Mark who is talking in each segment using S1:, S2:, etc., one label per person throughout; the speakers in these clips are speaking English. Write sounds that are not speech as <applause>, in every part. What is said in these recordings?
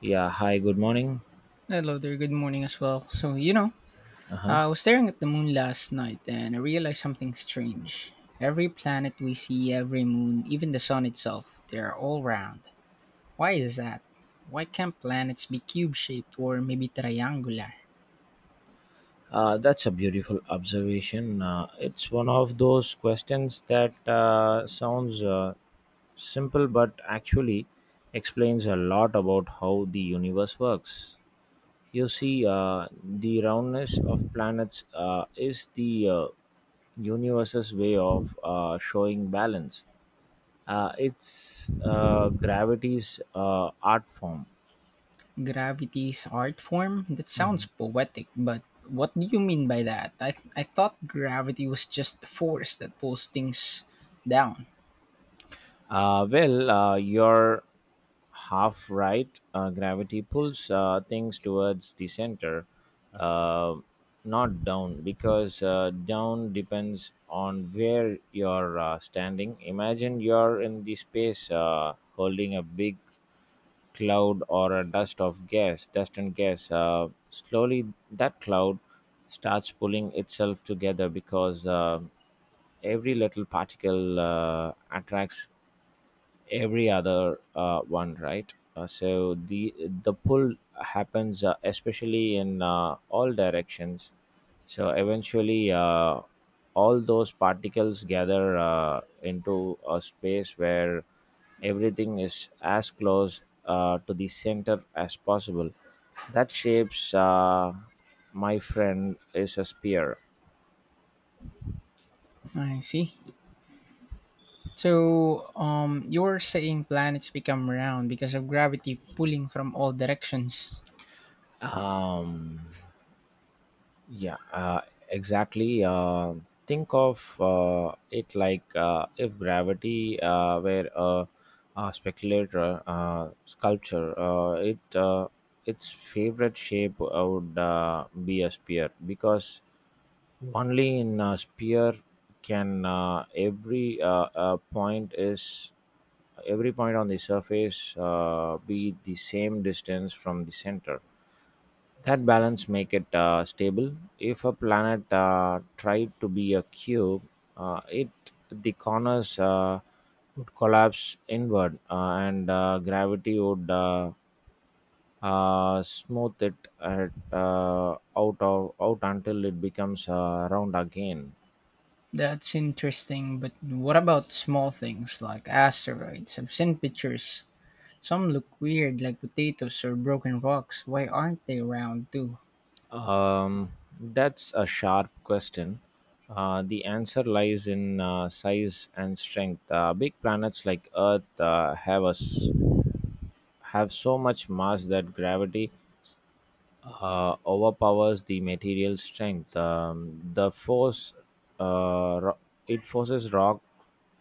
S1: Yeah, hi, good morning.
S2: Hello there, good morning as well.
S1: Uh-huh.
S2: I was staring at the moon last night and I realized something strange. Every planet we see, every moon, even the sun itself, they're all round. Why is that? Why can't planets be cube shaped or maybe triangular?
S1: That's a beautiful observation. It's one of those questions that sounds simple but actually explains a lot about how the universe works. You see, the roundness of planets is the universe's way of showing balance. It's gravity's art form.
S2: Gravity's art form? That sounds
S1: Mm-hmm.
S2: poetic, but what do you mean by that? I thought gravity was just the force that pulls things down.
S1: Well, you're half right. Gravity pulls things towards the center, uh, not down, because down depends on where you're standing. Imagine you're in the space holding a big cloud or a dust of gas, dust and gas. Slowly, that cloud starts pulling itself together because every little particle attracts every other one, right? So the pull happens especially in all directions, so eventually all those particles gather into a space where everything is as close to the center as possible. That shapes, my friend, is a spear.
S2: I see. So, you are saying planets become round because of gravity pulling from all directions.
S1: um Yeah, exactly. Think of it like, if gravity were a speculator sculpture, it its favorite shape would be a spear, because only in a spear can, every point on the surface be the same distance from the center. That balance make it stable. If a planet tried to be a cube, it the corners would collapse inward, and gravity would smooth it at, out of out until it becomes round again.
S2: That's interesting, but what about small things like asteroids? I've seen pictures. Some look weird, like potatoes or broken rocks. Why aren't they round too?
S1: um, that's a sharp question. The answer lies in size and strength. Big planets like Earth have so much mass that gravity overpowers the material strength. The force uh, ro- it forces rock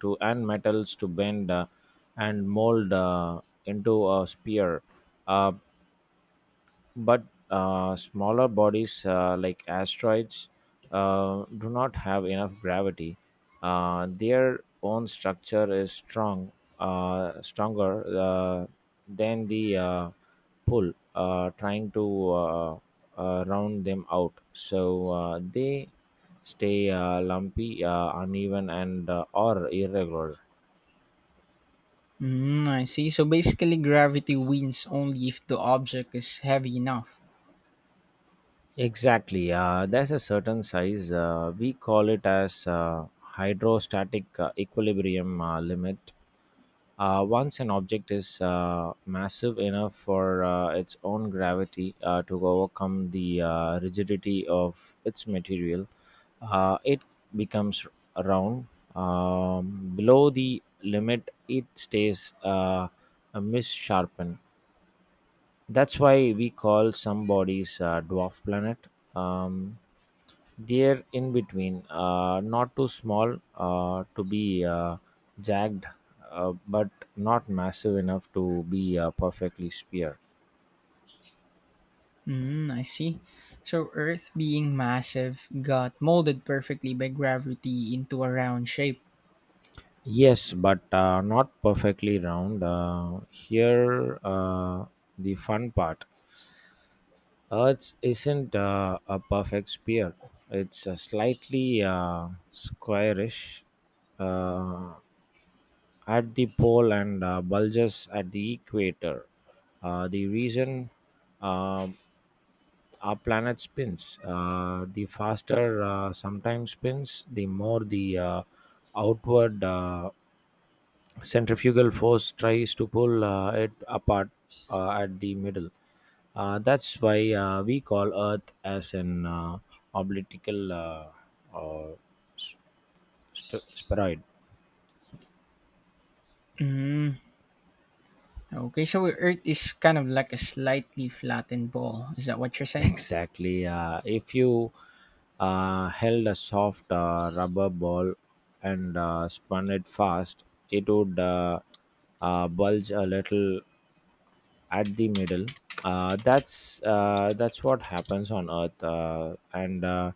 S1: to and metals to bend and mold into a sphere. Uh, but smaller bodies like asteroids do not have enough gravity. Their own structure is strong, stronger than the pull trying to round them out. So they stay lumpy, uneven, and or irregular.
S2: Mm, I see. So basically, gravity wins only if the object is heavy enough.
S1: Exactly. There's a certain size. We call it as hydrostatic equilibrium limit. Once an object is massive enough for its own gravity to overcome the rigidity of its material, it becomes round. Below the limit, it stays a missharpen. That's why we call some bodies dwarf planet. Um, they're in between, not too small to be jagged, but not massive enough to be perfectly sphere.
S2: Mm, I see. So Earth, being massive, got molded perfectly by gravity into a round shape.
S1: Yes, but not perfectly round. Here, the fun part. Earth isn't a perfect sphere. It's slightly squarish uh, at the pole and bulges at the equator. The reason, um our planet spins, the faster sometimes spins, the more the outward centrifugal force tries to pull it apart at the middle. That's why we call Earth as an oblitical uh, uh, s- spheroid.
S2: Mhm. Okay, so Earth is kind of like a slightly flattened ball. Is that what you're
S1: <laughs>
S2: saying?
S1: Exactly. If you held a soft rubber ball and spun it fast, it would bulge a little at the middle. That's what happens on Earth, uh, and uh,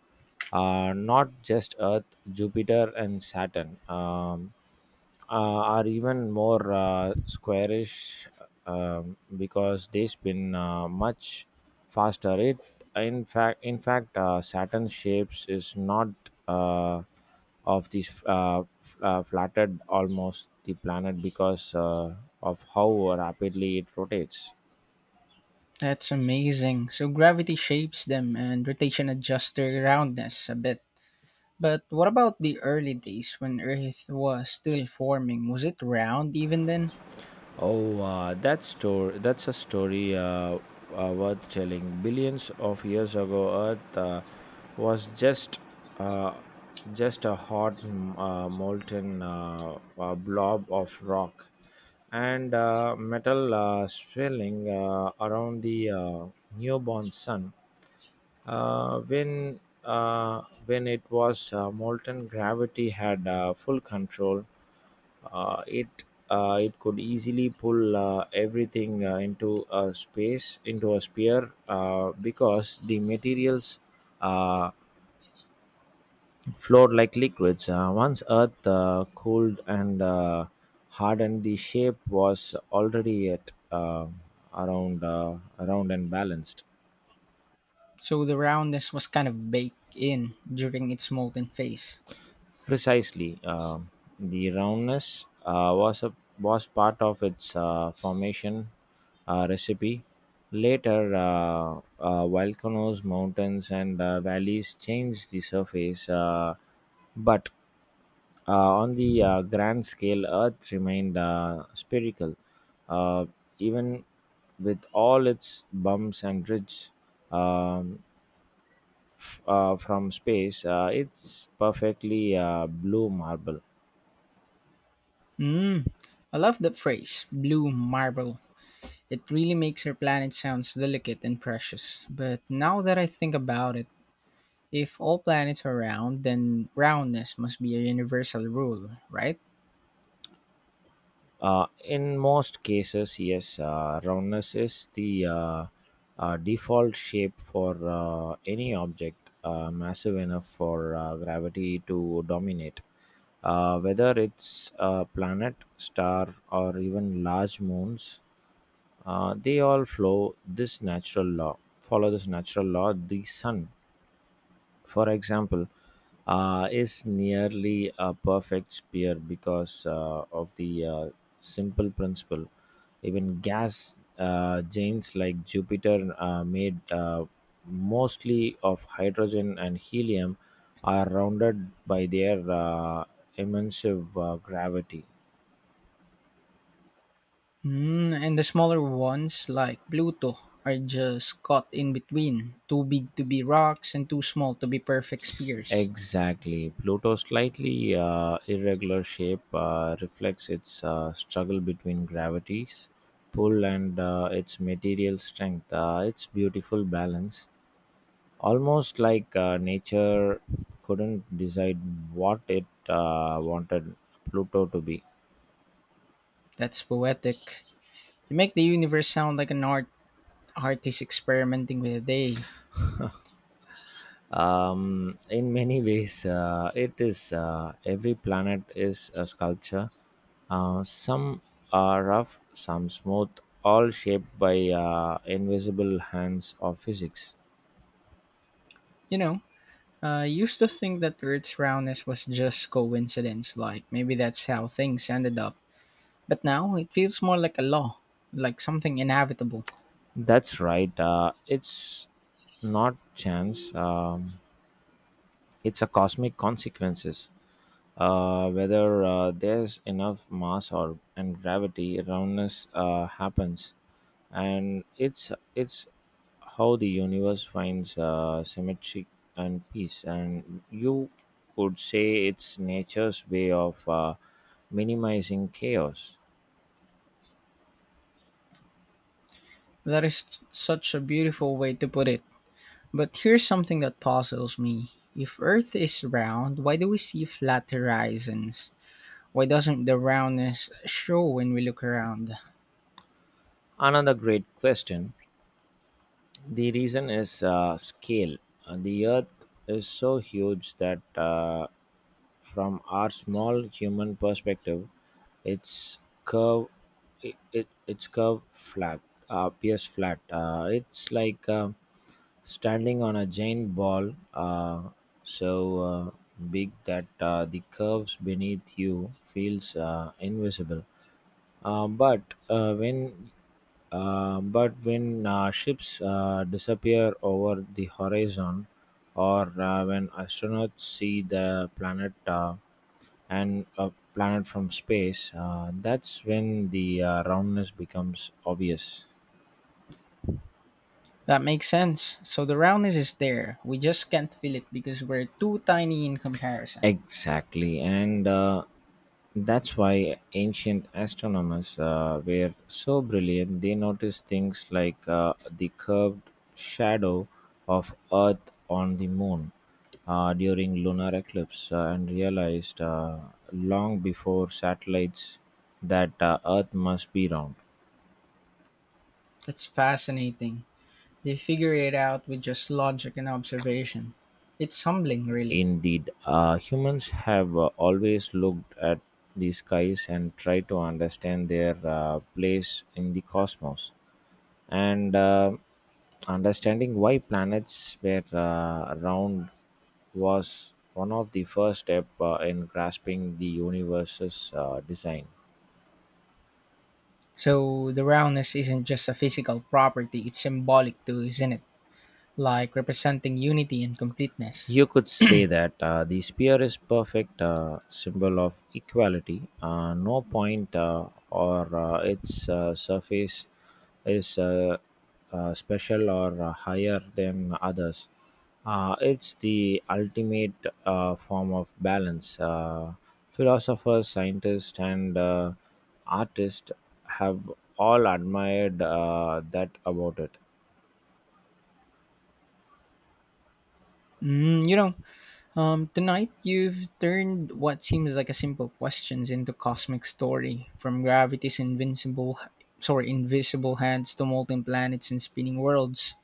S1: uh, not just Earth, Jupiter and Saturn are even more squarish because they spin much faster. It in fact Saturn's shapes is not. Uh, of this flattened almost the planet because of how rapidly it rotates.
S2: That's amazing. So gravity shapes them and rotation adjusts their roundness a bit. But what about the early days when Earth was still forming? Was it round even then?
S1: Oh, that's a story worth telling. Billions of years ago, Earth was uh, just a hot molten blob of rock and metal swirling around the newborn sun. Uh, when when it was molten, gravity had full control. Uh, it it could easily pull everything into a sphere, because the materials uh, flowed like liquids. Once Earth cooled and hardened, the shape was already at around and balanced.
S2: So the roundness was kind of baked in during its molten phase.
S1: Precisely, the roundness was part of its formation recipe. Later, volcanoes, mountains, and valleys changed the surface, but on the grand scale, Earth remained spherical, uh, even with all its bumps and ridges. Um, from space, it's perfectly blue marble.
S2: Mmm, I love that phrase, blue marble. It really makes our planet sounds delicate and precious. But now that I think about it, if all planets are round, then roundness must be a universal rule, right?
S1: In most cases, yes, roundness is the default shape for any object massive enough for gravity to dominate. Whether it's a planet, star, or even large moons, they all flow this natural law follow this natural law. The sun, for example, is nearly a perfect sphere because of the simple principle. Even gas giants like Jupiter, made mostly of hydrogen and helium, are rounded by their immense gravity.
S2: Mm, and the smaller ones, like Pluto, are just caught in between too big to be rocks and too small to be perfect spheres.
S1: Exactly. Pluto's slightly irregular shape reflects its struggle between gravity's pull and its material strength. It's beautiful balance, almost like nature couldn't decide what it wanted Pluto to be.
S2: That's poetic. You make the universe sound like an artist experimenting with a day.
S1: <laughs> In many ways it is. Every planet is a sculpture, some are rough, some smooth, all shaped by invisible hands of physics.
S2: You know, I used to think that Earth's roundness was just coincidence, like maybe that's how things ended up. But now it feels more like a law, like something inevitable.
S1: That's right. It's not chance, it's a cosmic consequences. Whether There's enough mass or and gravity roundness happens, and it's how the universe finds symmetry and peace. And you could say it's nature's way of minimizing chaos.
S2: That is such a beautiful way to put it. But here's something that puzzles me. If Earth is round, why do we see flat horizons? Why doesn't the roundness show when we look around?
S1: Another great question. The reason is scale. The Earth is so huge that from our small human perspective, its curve, it its curve flat appears flat. It's like standing on a giant ball, so uh, big that the curves beneath you feels invisible. Uh, but uh, when but when ships disappear over the horizon, or when astronauts see the planet and a planet from space, that's when the roundness becomes obvious.
S2: That makes sense. So the roundness is there. We just can't feel it because we're too tiny in comparison.
S1: Exactly, and that's why ancient astronomers were so brilliant. They noticed things like the curved shadow of Earth on the moon during lunar eclipse, and realized, long before satellites, that Earth must be round.
S2: That's fascinating. They figure it out with just logic and observation. It's humbling, really.
S1: Indeed, humans have always looked at the skies and tried to understand their place in the cosmos, and understanding why planets were round was one of the first steps in grasping the universe's design.
S2: So the roundness isn't just a physical property, it's symbolic too, isn't it? Like representing unity and completeness.
S1: You could say that the spear is perfect symbol of equality. No point or its surface is special or higher than others. It's the ultimate form of balance. Philosophers, scientists, and artists have all admired that about it.
S2: Mm, tonight you've turned what seems like a simple questions into cosmic story, from gravity's invincible, sorry, invisible hands to molten planets and spinning worlds.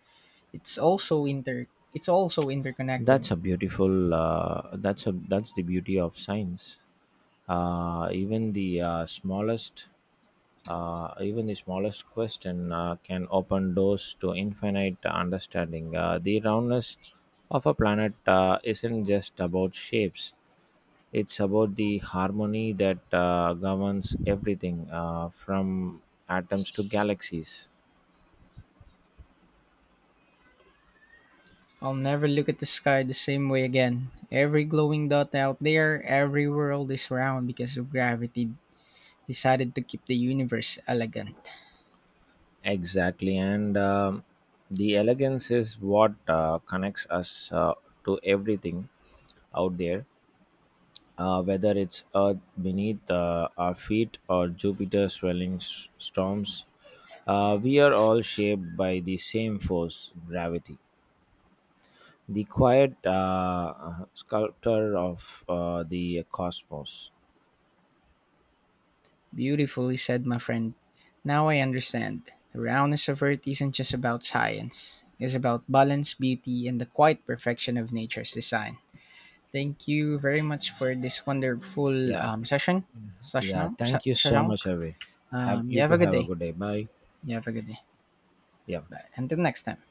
S2: It's also inter, it's also interconnected.
S1: That's a beautiful. That's a that's the beauty of science. Uh, even the uh, smallest, Even the smallest question can open doors to infinite understanding. The roundness of a planet isn't just about shapes. It's about the harmony that governs everything, from atoms to galaxies.
S2: I'll never look at the sky the same way again. Every glowing dot out there, every world is round because of gravity decided to keep the universe elegant.
S1: Exactly, and the elegance is what connects us to everything out there, whether it's Earth beneath our feet or Jupiter swelling storms. We are all shaped by the same force, gravity, the quiet sculptor of the cosmos.
S2: Beautifully said, my friend. Now I understand. The roundness of Earth isn't just about science, it's about balance, beauty, and the quiet perfection of nature's design. Thank you very much for this wonderful
S1: Yeah,
S2: session,
S1: yeah.
S2: Shashank.
S1: Thank you so
S2: Shashank.
S1: much, Avi. Have
S2: You
S1: you
S2: have
S1: to
S2: a good
S1: have a
S2: day.
S1: good day. Bye.
S2: You have a good day.
S1: Yeah,
S2: Bye. Until next time.